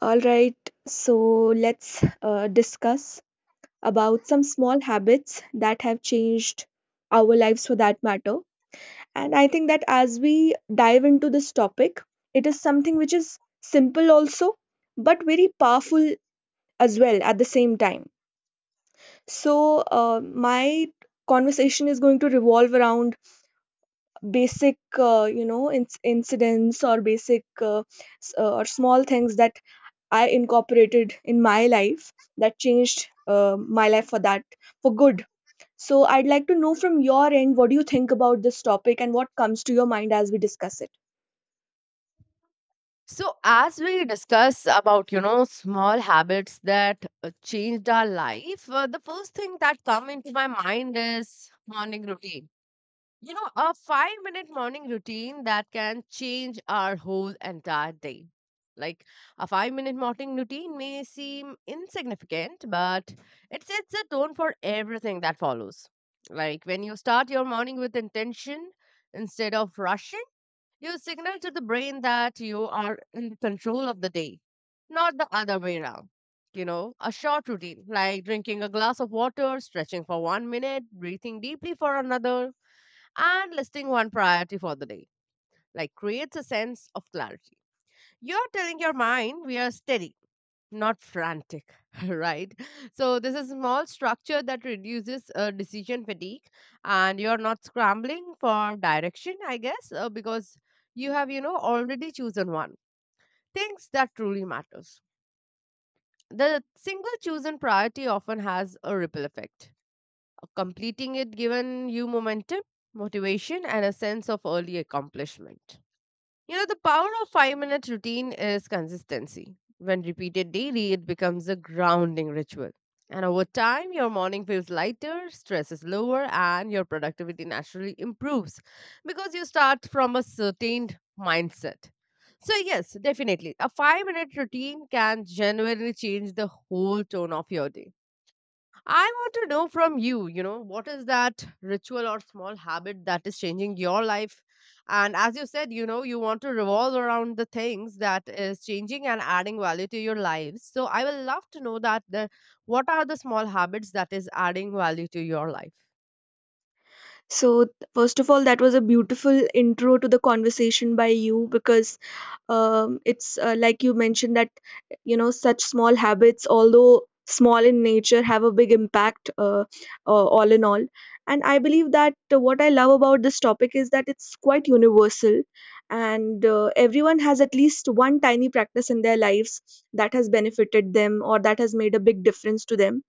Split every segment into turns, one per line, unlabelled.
All right, so let's discuss about some small habits that have changed our lives for that matter. And I think that as we dive into this topic, it is something which is simple also, but very powerful as well at the same time. So, my conversation is going to revolve around basic incidents or basic or small things that I incorporated in my life that changed my life for that, for good. So I'd like to know from your end, what do you think about this topic and what comes to your mind as we discuss it?
So, as we discuss about, you know, small habits that changed our life, the first thing that come into my mind is morning routine. You know, a 5 minute morning routine that can change our whole entire day. Like a 5 minute morning routine may seem insignificant, but it sets the tone for everything that follows. Like when you start your morning with intention instead of rushing, you signal to the brain that you are in control of the day, not the other way around. You know, a short routine like drinking a glass of water, stretching for 1 minute, breathing deeply for another, and listing one priority for the day, like creates a sense of clarity. You're telling your mind we are steady, not frantic, right? So, this is a small structure that reduces decision fatigue, and you're not scrambling for direction, I guess, because you have, you know, already chosen one. Things that truly matters. The single chosen priority often has a ripple effect. Completing it given you momentum, motivation, and a sense of early accomplishment. You know, the power of 5 minute routine is consistency. When repeated daily, it becomes a grounding ritual. And over time, your morning feels lighter, stress is lower, and your productivity naturally improves because you start from a certain mindset. So, yes, definitely, a 5 minute routine can genuinely change the whole tone of your day. I want to know from you, you know, what is that ritual or small habit that is changing your life? And as you said, you know, you want to revolve around the things that is changing and adding value to your lives. So I will love to know that the, what are the small habits that is adding value to your life?
So, first of all, that was a beautiful intro to the conversation by you because it's like you mentioned that, you know, such small habits, although small in nature, have a big impact, all in all. And I believe that what I love about this topic is that it's quite universal, and everyone has at least one tiny practice in their lives that has benefited them or that has made a big difference to them.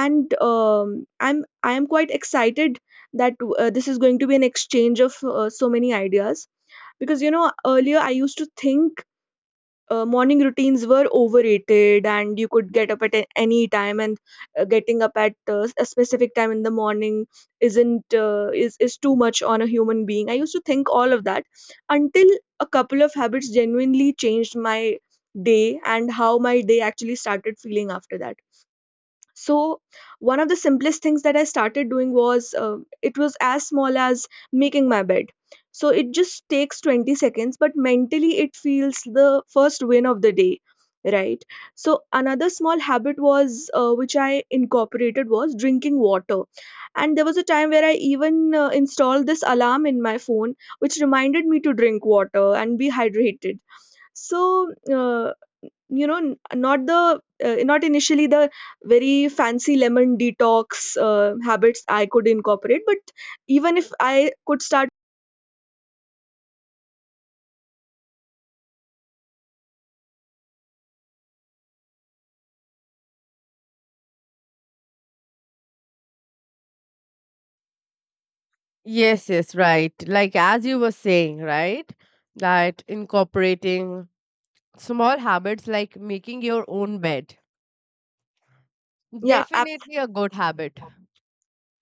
And I am quite excited that this is going to be an exchange of so many ideas, because, you know, earlier I used to think morning routines were overrated and you could get up at any time, and getting up at a specific time in the morning isn't is too much on a human being. I used to think all of that until a couple of habits genuinely changed my day and how my day actually started feeling after that. So one of the simplest things that I started doing was, it was as small as making my bed. So it just takes 20 seconds, but mentally it feels the first win of the day, right? So another small habit was, which I incorporated, was drinking water. And there was a time where I even installed this alarm in my phone which reminded me to drink water and be hydrated. So, uh, you know, not the not initially the very fancy lemon detox habits I could incorporate, but even if I could start.
Yes, yes, right. Like as you were saying, right? That incorporating small habits like making your own bed.
Yeah,
Definitely a good habit.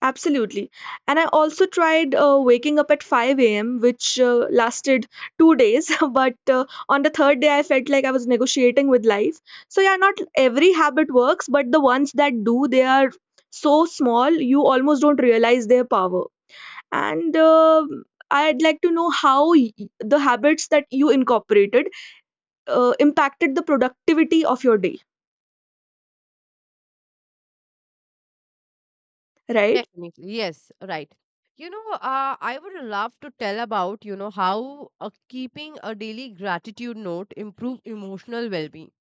absolutely. And I also tried waking up at 5 a.m. which lasted 2 days but on the third day I felt like I was negotiating with life. So yeah, not every habit works, but the ones that do, they are so small you almost don't realize their power. And I'd like to know how the habits that you incorporated impacted the productivity of your day, right?
Definitely, yes, right. You know, I would love to tell about, you know, how keeping a daily gratitude note improve emotional well-being.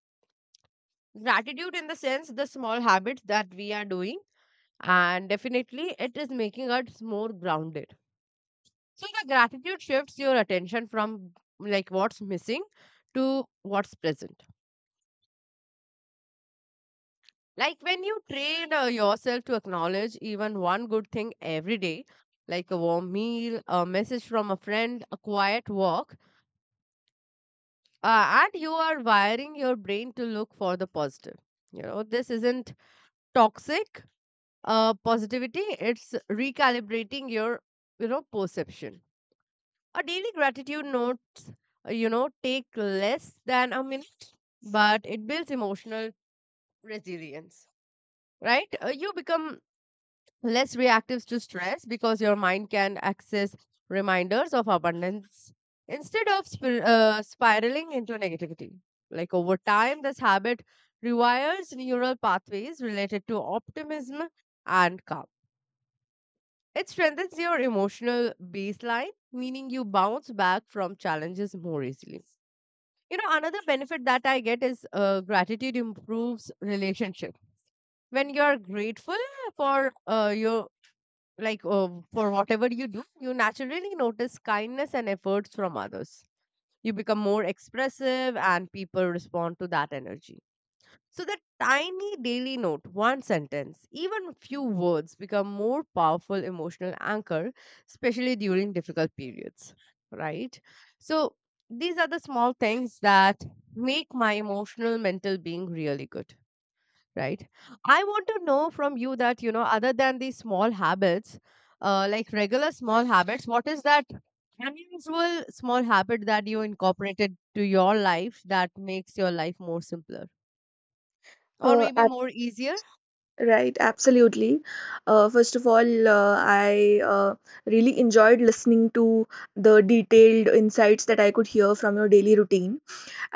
Gratitude in the sense the small habits that we are doing, and definitely it is making us more grounded. So the gratitude shifts your attention from like what's missing to what's present. Like when you train yourself to acknowledge even one good thing every day, like a warm meal, a message from a friend, a quiet walk, and you are wiring your brain to look for the positive. You know, this isn't toxic positivity, it's recalibrating your, you know, perception. A daily gratitude notes, you know, take less than a minute, but it builds emotional resilience, right? You become less reactive to stress because your mind can access reminders of abundance instead of spiraling into negativity. Like over time, this habit rewires neural pathways related to optimism and calm. It strengthens your emotional baseline, meaning you bounce back from challenges more easily. You know, another benefit that I get is gratitude improves relationship. When you are grateful for your for whatever you do, you naturally notice kindness and efforts from others. You become more expressive and people respond to that energy. So that tiny daily note, one sentence, even few words, become more powerful emotional anchor, especially during difficult periods, right? So these are the small things that make my emotional mental being really good, right? I want to know from you that, you know, other than these small habits, like regular small habits, what is that unusual small habit that you incorporated to your life that makes your life more simpler or
Uh,
maybe
ab-
more easier.
right, absolutely. First of all, I really enjoyed listening to the detailed insights that I could hear from your daily routine.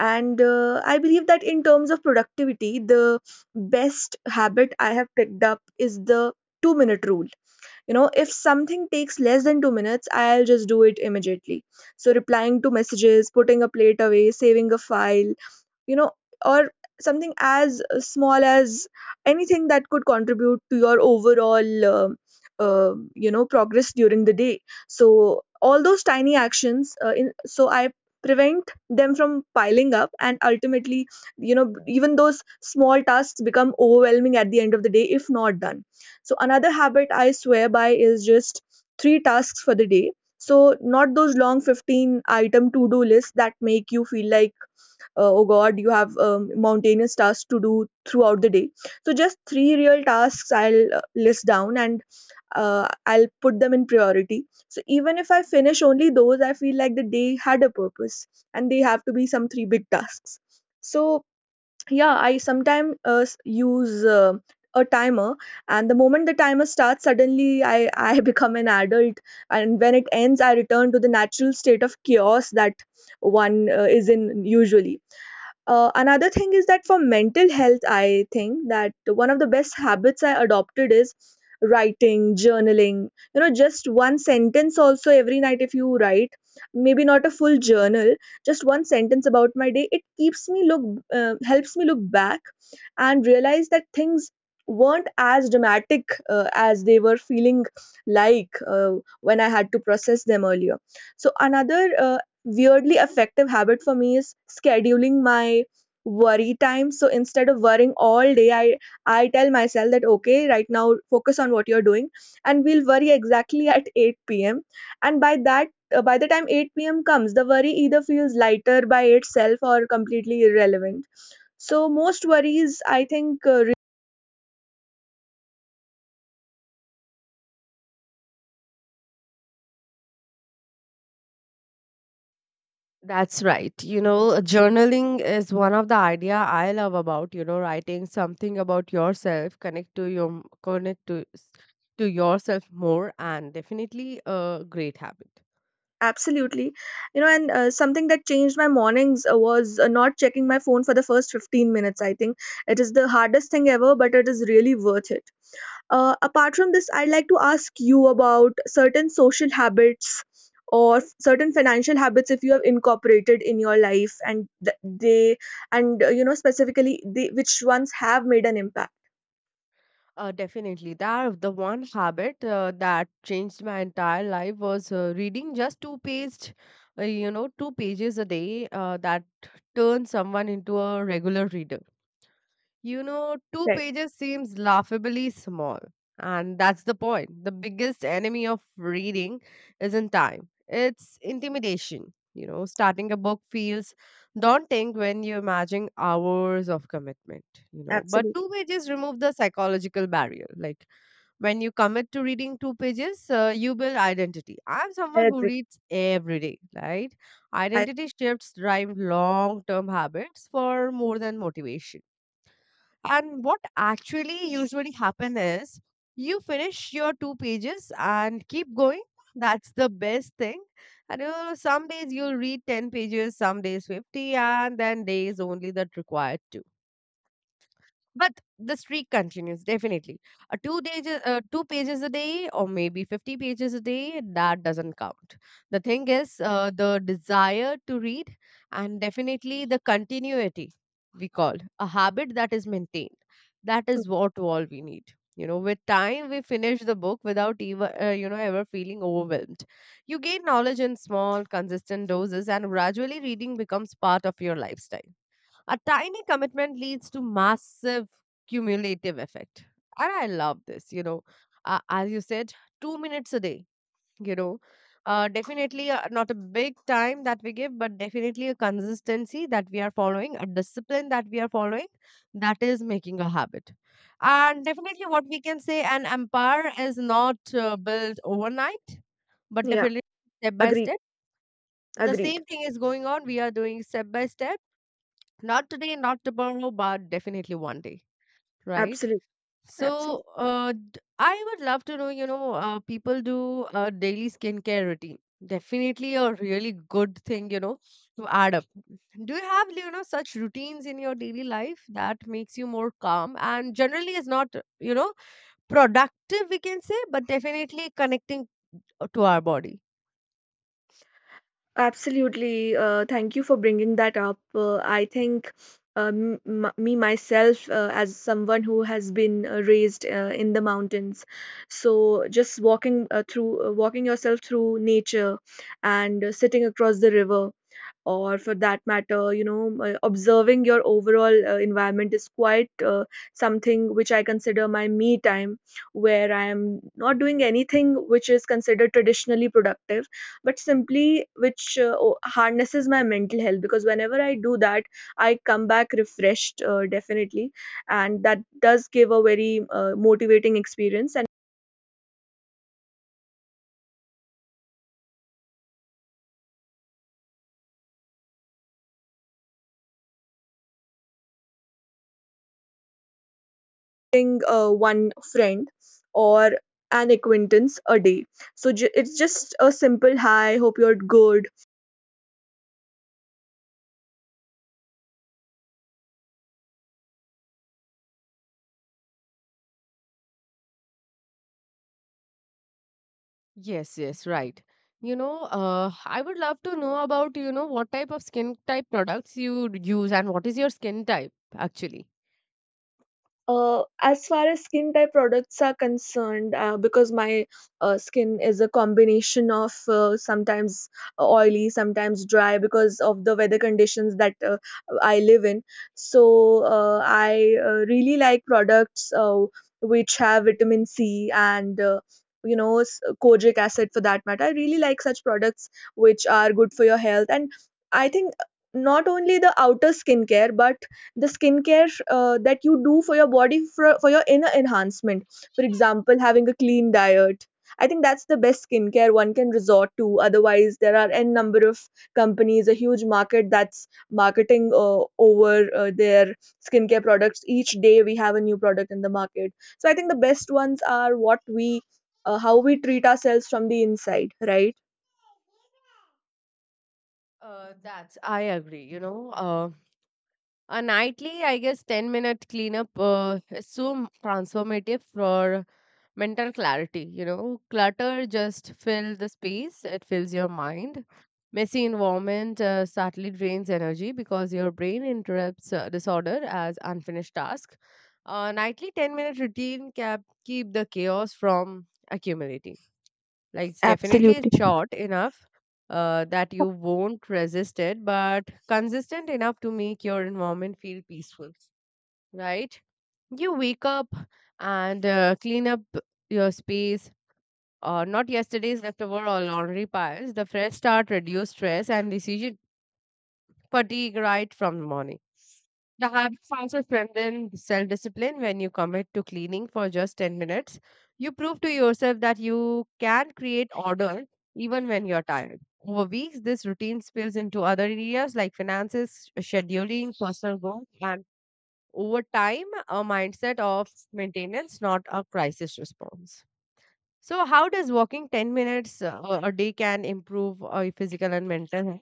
And I believe that in terms of productivity, the best habit I have picked up is the 2-minute rule. You know, if something takes less than 2 minutes, I'll just do it immediately. So replying to messages, putting a plate away, saving a file, you know, or something as small as anything that could contribute to your overall you know, progress during the day. So all those tiny actions, in so I prevent them from piling up, and ultimately, you know, even those small tasks become overwhelming at the end of the day if not done. So another habit I swear by is just three tasks for the day. So not those long 15 item to do lists that make you feel like, oh god, you have mountainous tasks to do throughout the day. So just three real tasks I'll list down, and I'll put them in priority, so even if I finish only those, I feel like the day had a purpose. And they have to be some three big tasks. So yeah, I sometimes use a timer, and the moment the timer starts, suddenly I become an adult, and when it ends I return to the natural state of chaos that one is in usually. Another thing is that for mental health, I think that one of the best habits I adopted is writing, journaling. You know, just one sentence also every night if you write, maybe not a full journal, just one sentence about my day. It keeps me helps me look back and realize that things weren't as dramatic as they were feeling, like when I had to process them earlier. So another weirdly effective habit for me is scheduling my worry time. So instead of worrying all day, I tell myself that, okay, right now focus on what you're doing and we'll worry exactly at 8 p.m., and by that, by the time 8 p.m. comes, the worry either feels lighter by itself or completely irrelevant. So most worries, I think,
That's right. You know, journaling is one of the idea I love about, you know, writing something about yourself, connect to your, connect to s- to yourself more, and definitely a great habit.
absolutely. You know, and something that changed my mornings was not checking my phone for the first 15 minutes. I think it is the hardest thing ever, but it is really worth it. Apart from this, I'd like to ask you about certain social habits or certain financial habits if you have incorporated in your life and you know, specifically which ones have made an impact.
Definitely. That the one habit that changed my entire life was reading just two page, you know, two pages a day. That turned someone into a regular reader. You know, two
Right.
pages seems laughably small. And that's the point. The biggest enemy of reading isn't time, it's intimidation. You know, starting a book feels daunting when you imagine hours of commitment, you know. But
Absolutely.
two pages remove the psychological barrier. Like when you commit to reading two pages, you build identity. I'm
I
someone who
agree.
reads every day, right?
I,
Identity shifts drive long term habits for more than motivation. And what actually usually happen is you finish your two pages and keep going. That's the best thing. And you know, some days you'll read 10 pages, some days 50, and then days only that required to. But the streak continues, definitely. Two days, two pages a day, or maybe 50 pages a day, that doesn't count. The thing is, the desire to read and definitely the continuity, we call a habit that is maintained. That is what all we need. You know, with time, we finish the book without even, you know, ever feeling overwhelmed. You gain knowledge in small, consistent doses, and gradually reading becomes part of your lifestyle. A tiny commitment leads to massive cumulative effect. And I love this, you know. As you said, 2 minutes a day, you know. Definitely not a big time that we give, but definitely a consistency that we are following, a discipline that we are following, that is making a habit. And definitely, what we can say, an empire is not built overnight, but
yeah,
definitely step by
agreed.
step. The
Agreed.
same thing is going on. We are doing step by step, not today, not tomorrow, but definitely one day, right?
Absolutely. Absolutely.
So, I would love to know, you know, people do a daily skincare routine. Definitely a really good thing, you know, to add up. Do you have, you know, such routines in your daily life that makes you more calm and generally is not, you know, productive, we can say, but definitely connecting to our body?
Absolutely. Thank you for bringing that up. I think me myself, as someone who has been raised in the mountains, so just walking walking yourself through nature, and sitting across the river, or for that matter, you know, observing your overall environment is quite something which I consider my me time, where I am not doing anything which is considered traditionally productive, but simply which harnesses my mental health, because whenever I do that, I come back refreshed, definitely, and that does give a very motivating experience. And visiting one friend or an acquaintance a day. So it's just a simple hi, hope you're good.
Yes, yes, right. You know, I would love to know about, you know, what type of skin type products you use and what is your skin type actually.
As far as skin type products are concerned, because my skin is a combination of sometimes oily, sometimes dry because of the weather conditions that I live in. So I really like products which have vitamin C and, you know, kojic acid for that matter. I really like such products which are good for your health, and I think not only the outer skincare, but the skincare that you do for your body for your inner enhancement. For example, having a clean diet. I think that's the best skincare one can resort to. Otherwise, there are n number of companies, a huge market that's marketing over their skincare products. Each day we have a new product in the market. So I think the best ones are what we, how we treat ourselves from the inside, right?
That's I agree. You know, a nightly, I guess, 10-minute cleanup is so transformative for mental clarity. You know, clutter just fill the space, it fills your mind. Messy environment subtly drains energy because your brain interrupts disorder as unfinished task. A nightly 10-minute routine keep the chaos from accumulating. Like it's definitely
Absolutely.
it's short enough that you won't resist it, but consistent enough to make your environment feel peaceful, right? You wake up and clean up your space, not yesterday's leftover or laundry piles. The fresh start reduce stress and decision fatigue right from the morning. The habits also strengthen self discipline when you commit to cleaning for just 10 minutes. You prove to yourself that you can create order even when you're tired. Over weeks, this routine spills into other areas like finances, scheduling, personal growth, and over time, a mindset of maintenance, not a crisis response. So, how does walking 10 minutes a day can improve physical and mental health?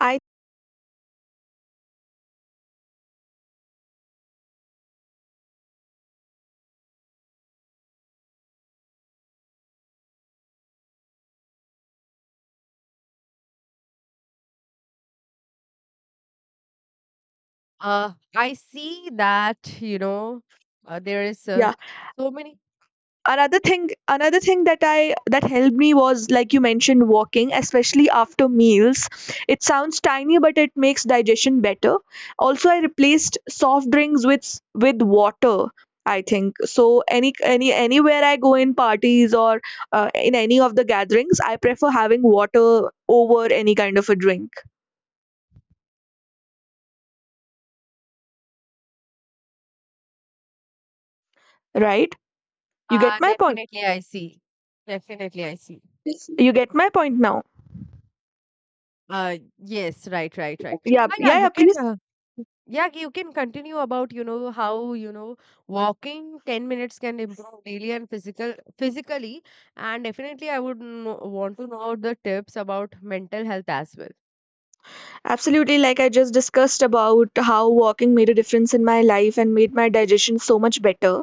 I.
I see that, you know, there is
Yeah.
so many.
Another thing, that I that helped me was, like you mentioned, walking, especially after meals. It sounds tiny, but it makes digestion better. Also, I replaced soft drinks with water. I think so, anywhere I go, in parties or in any of the gatherings, I prefer having water over any kind of a drink, right? You get my point.
Definitely, I see. Definitely, I see.
You get my point now?
Yes, right, right, right.
yeah
Ah, yeah,
yeah yeah
you can.
please.
Yeah, you can continue about, you know, how, you know, walking 10 minutes can improve daily and physically. And definitely, I would know, want to know the tips about mental health as well.
Absolutely, like I just discussed about how walking made a difference in my life and made my digestion so much better.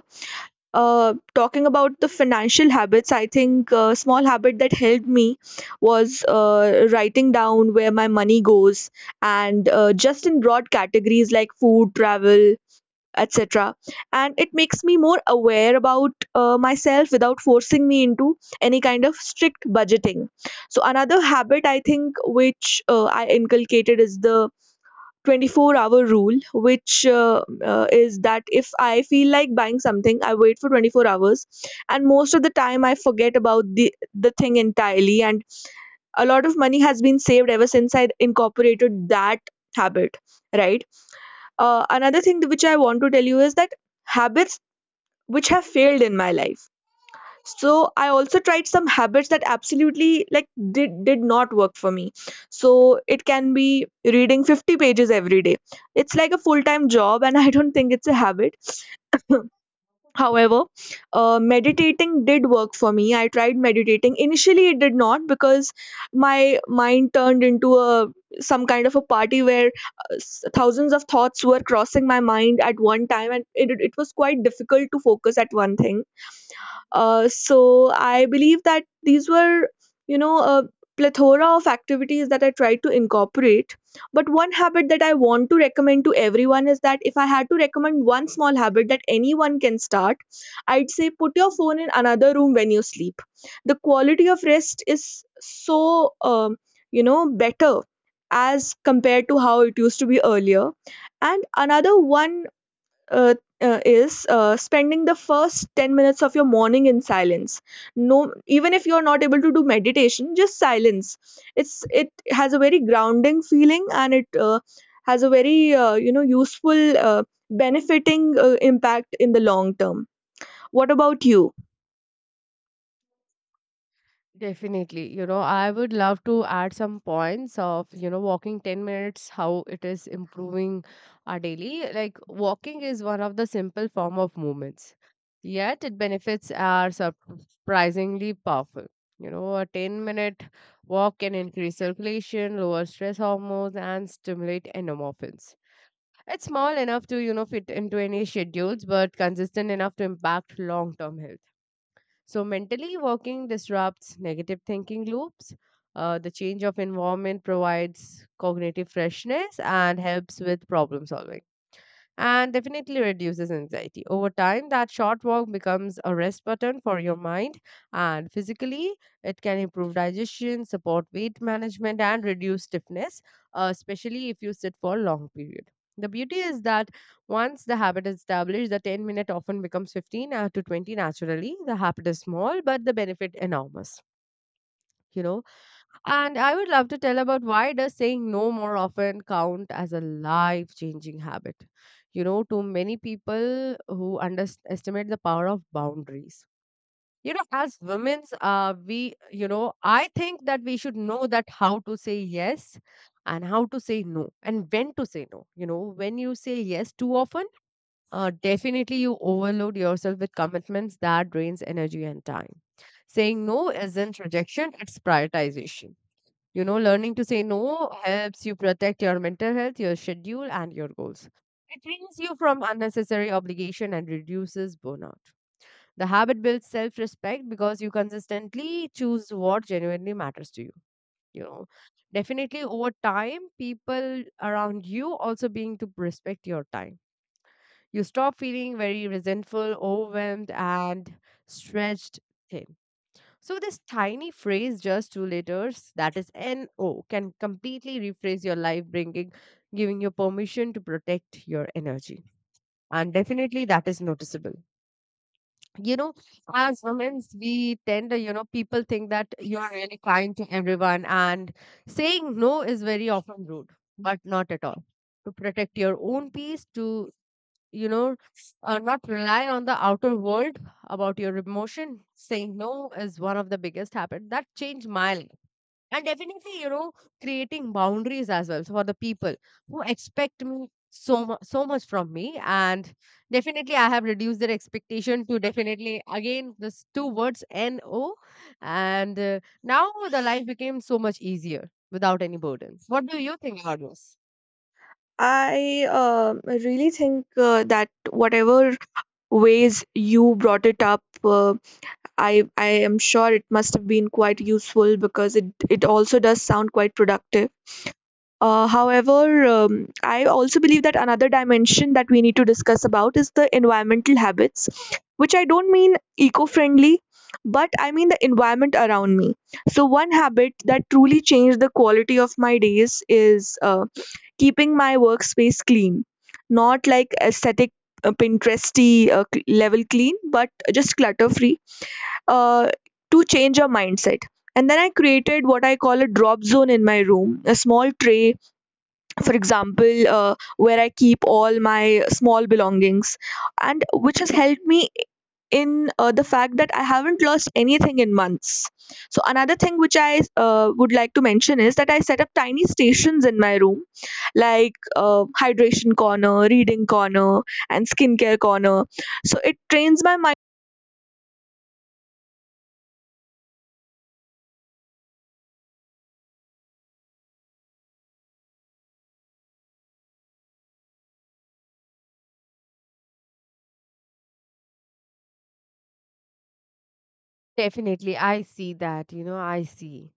Talking about the financial habits, I think a small habit that helped me was writing down where my money goes, and just in broad categories like food, travel, etc. And it makes me more aware about myself without forcing me into any kind of strict budgeting. So, another habit I think which I inculcated is the 24-hour rule which is that if I feel like buying something, I wait for 24 hours, and most of the time I forget about the thing entirely, and a lot of money has been saved ever since I incorporated that habit. Right. Another thing which I want to tell you is that habits which have failed in my life, so I also tried some habits that absolutely, like, did not work for me. So it can be reading 50 pages every day. It's like a full time job, and I don't think it's a habit. However, meditating did work for me. I tried meditating initially, it did not, because my mind turned into a some kind of a party where thousands of thoughts were crossing my mind at one time, and it was quite difficult to focus at one thing. So I believe that these were, a plethora of activities that I tried to incorporate. But one habit that I want to recommend to everyone is that if I had to recommend one small habit that anyone can start, I'd say put your phone in another room when you sleep. The quality of rest is so, better as compared to how it used to be earlier. And another one uh, is spending the first 10 minutes of your morning in silence. No, even if you're not able to do meditation, just silence. It has a very grounding feeling, and it has a very useful, benefiting, impact in the long term. What about you?
Definitely. You know, I would love to add some points of, you know, walking 10 minutes, how it is improving our daily. Like walking is one of the simple form of movements. Yet it benefits are surprisingly powerful. You know, a 10-minute walk can increase circulation, lower stress hormones, and stimulate endorphins. It's small enough to, you know, fit into any schedules, but consistent enough to impact long term health. So mentally walking disrupts negative thinking loops. The change of environment provides cognitive freshness and helps with problem solving and definitely reduces anxiety. Over time, that short walk becomes a rest button for your mind and physically. It can improve digestion, support weight management, and reduce stiffness, especially if you sit for a long period. The beauty is that once the habit is established, the 10-minute often becomes 15 to 20 naturally. The habit is small, but the benefit enormous. You know, and I would love to tell about why does saying no more often count as a life-changing habit? You know, to many people who underestimate the power of boundaries. You know, as women, you know, I think that we should know that how to say yes and how to say no and when to say no. You know, when you say yes too often, definitely you overload yourself with commitments that drains energy and time. Saying no isn't rejection, it's prioritization, you know, learning to say no helps you protect your mental health, your schedule, and your goals. It frees you from unnecessary obligation and reduces burnout. The habit builds self respect because you consistently choose what genuinely matters to you. You know, definitely over time, people around you also being to respect your time. You stop feeling very resentful, overwhelmed, and stretched thin. So this tiny phrase, just two letters, that is NO, can completely rephrase your life, bringing, giving you permission to protect your energy. And definitely that is noticeable. You know, as women, we tend to, you know, people think that you are really kind to everyone and saying no is very often rude, but not at all. To protect your own peace, to, you know, not rely on the outer world about your emotion. Saying no is one of the biggest habit that changed my life. And definitely, you know, creating boundaries as well for the people who expect me so much, so much from me. And definitely, I have reduced their expectation to definitely again this two words N O. And now the life became so much easier without any burden. What do you think about this?
I really think that whatever ways you brought it up, I am sure it must have been quite useful because it also does sound quite productive. However, I also believe that another dimension that we need to discuss about is the environmental habits, which I don't mean eco-friendly, but I mean the environment around me. So one habit that truly changed the quality of my days is keeping my workspace clean, not like aesthetic Pinteresty level clean, but just clutter-free, uh, to change your mindset. And then I created what I call a drop zone in my room, a small tray, for example, where I keep all my small belongings, and which has helped me in the fact that I haven't lost anything in months. So, another thing which I would like to mention is that I set up tiny stations in my room, like hydration corner, reading corner, and skincare corner. So, it trains my mind.
Definitely, I see that, you know, I see.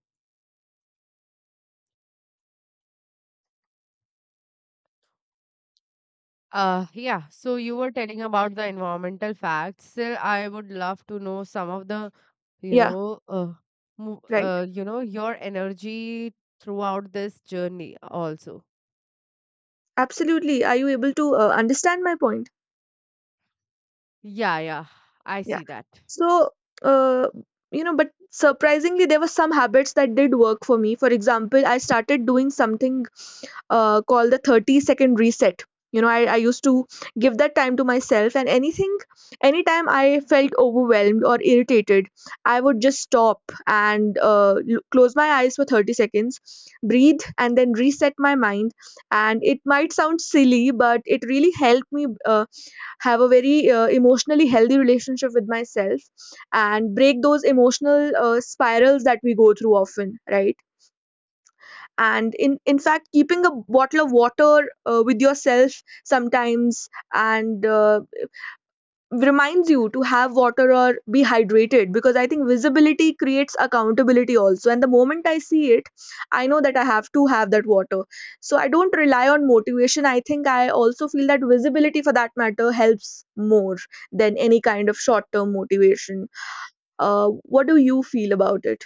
Yeah, so you were telling about the environmental facts. Still, I would love to know some of the, you
Yeah,
know,
right.
you know, your energy throughout this journey also.
Absolutely. Are you able to understand my point?
Yeah, yeah, I
Yeah.
see that.
So, uh, but surprisingly, there were some habits that did work for me. For example, I started doing something called the 30-second reset. You know, I used to give that time to myself, and anything, anytime I felt overwhelmed or irritated, I would just stop and close my eyes for 30 seconds, breathe, and then reset my mind. And it might sound silly, but it really helped me. Have a very emotionally healthy relationship with myself and break those emotional spirals that we go through often, right? And in fact, keeping a bottle of water with yourself sometimes, and reminds you to have water or be hydrated, because I think visibility creates accountability also. And the moment I see it, I know that I have to have that water. So I don't rely on motivation. I think I also feel that visibility, for that matter, helps more than any kind of short term motivation. What do you feel about it?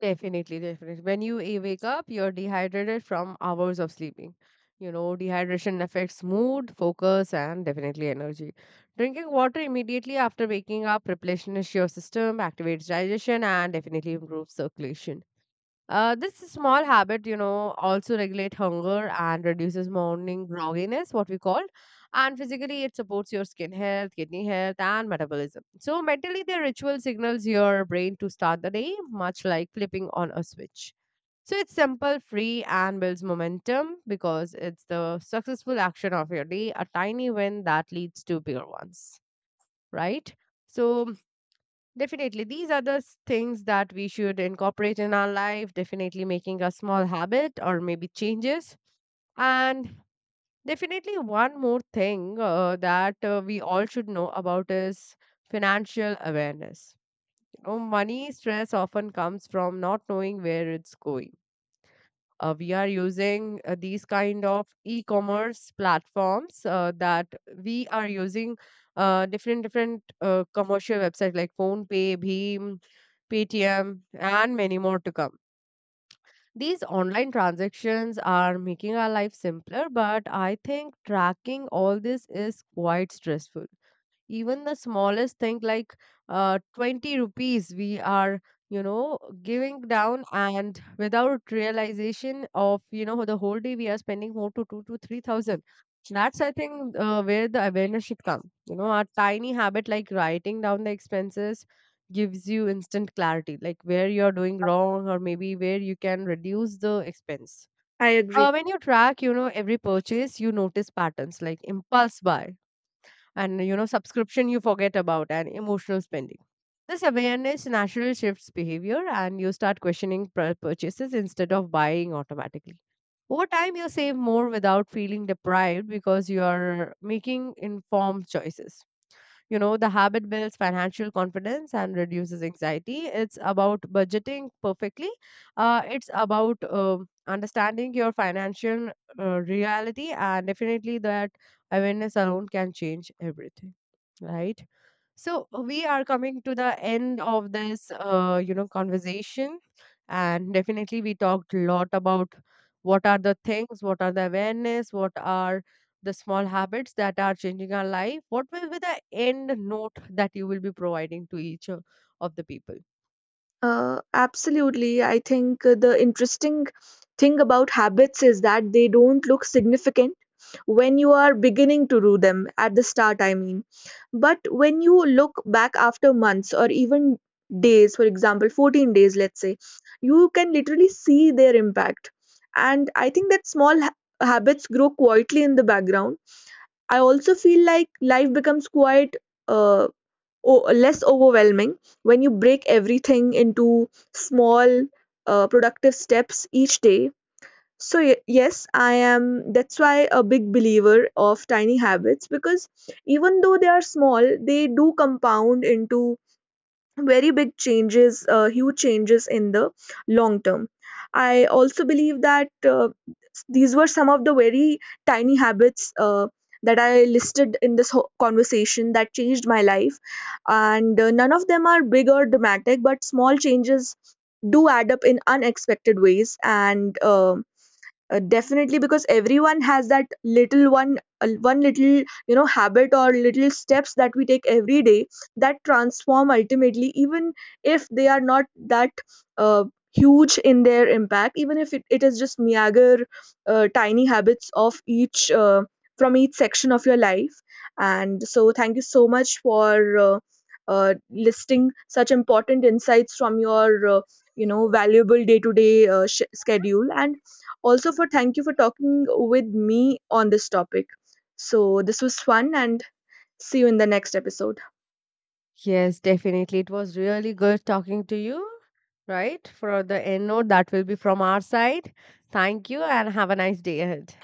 Definitely, definitely. When you wake up, you're dehydrated from hours of sleeping. You know, dehydration affects mood, focus, and definitely energy. Drinking water immediately after waking up replenishes your system, activates digestion, and definitely improves circulation. This small habit, you know, also regulate hunger and reduces morning grogginess, what we call. And physically, it supports your skin health, kidney health, and metabolism. So mentally, the ritual signals your brain to start the day, much like flipping on a switch. So it's simple, free, and builds momentum because it's the successful action of your day, a tiny win that leads to bigger ones, right? So definitely. These are the things that we should incorporate in our life, definitely making a small habit or maybe changes. And definitely, one more thing that we all should know about is financial awareness. You know, money stress often comes from not knowing where it's going. We are using these kind of e-commerce platforms that we are using different different commercial websites like PhonePe, Bheem, Paytm, and many more to come. These online transactions are making our life simpler, but I think tracking all this is quite stressful, even the smallest thing like 20 rupees we are, you know, giving down and without realization of, you know, the whole day we are spending more to 2 to 3,000. That's, I think, where the awareness should come. You know, a tiny habit like writing down the expenses gives you instant clarity, like where you're doing wrong or maybe where you can reduce the expense.
I agree.
When you track, you know, every purchase, you notice patterns like impulse buy, and, you know, subscription you forget about, and emotional spending. This awareness naturally shifts behavior, and you start questioning purchases instead of buying automatically. Over time you save more without feeling deprived because you are making informed choices. You know, the habit builds financial confidence and reduces anxiety. It's about budgeting perfectly. It's about understanding your financial reality, and definitely that awareness alone can change everything, right? So we are coming to the end of this, you know, conversation, and definitely we talked a lot about what are the things, what are the awareness, what are the small habits that are changing our life. What will be the end note that you will be providing to each of the people?
Absolutely. I think the interesting thing about habits is that they don't look significant when you are beginning to do them at the start, I mean. But when you look back after months or even days, for example, 14 days, let's say, you can literally see their impact. And I think that small habits grow quietly in the background. I also feel like life becomes quite uh, less overwhelming when you break everything into small productive steps each day. So yes, I am. That's why a big believer of tiny habits, because even though they are small, they do compound into very big changes, huge changes in the long term. I also believe that these were some of the very tiny habits that I listed in this conversation that changed my life, and none of them are big or dramatic, but small changes do add up in unexpected ways. And. Definitely, because everyone has that little one, one little, habit or little steps that we take every day that transform ultimately, even if they are not that uh, huge in their impact, even if it is just meager, tiny habits of each, from each section of your life. And so thank you so much for listing such important insights from your, valuable day to day schedule. And also for, thank you for talking with me on this topic. So this was fun, and see you in the next episode.
Yes, definitely, it was really good talking to you. Right, for the end note that will be from our side, thank you and have a nice day ahead.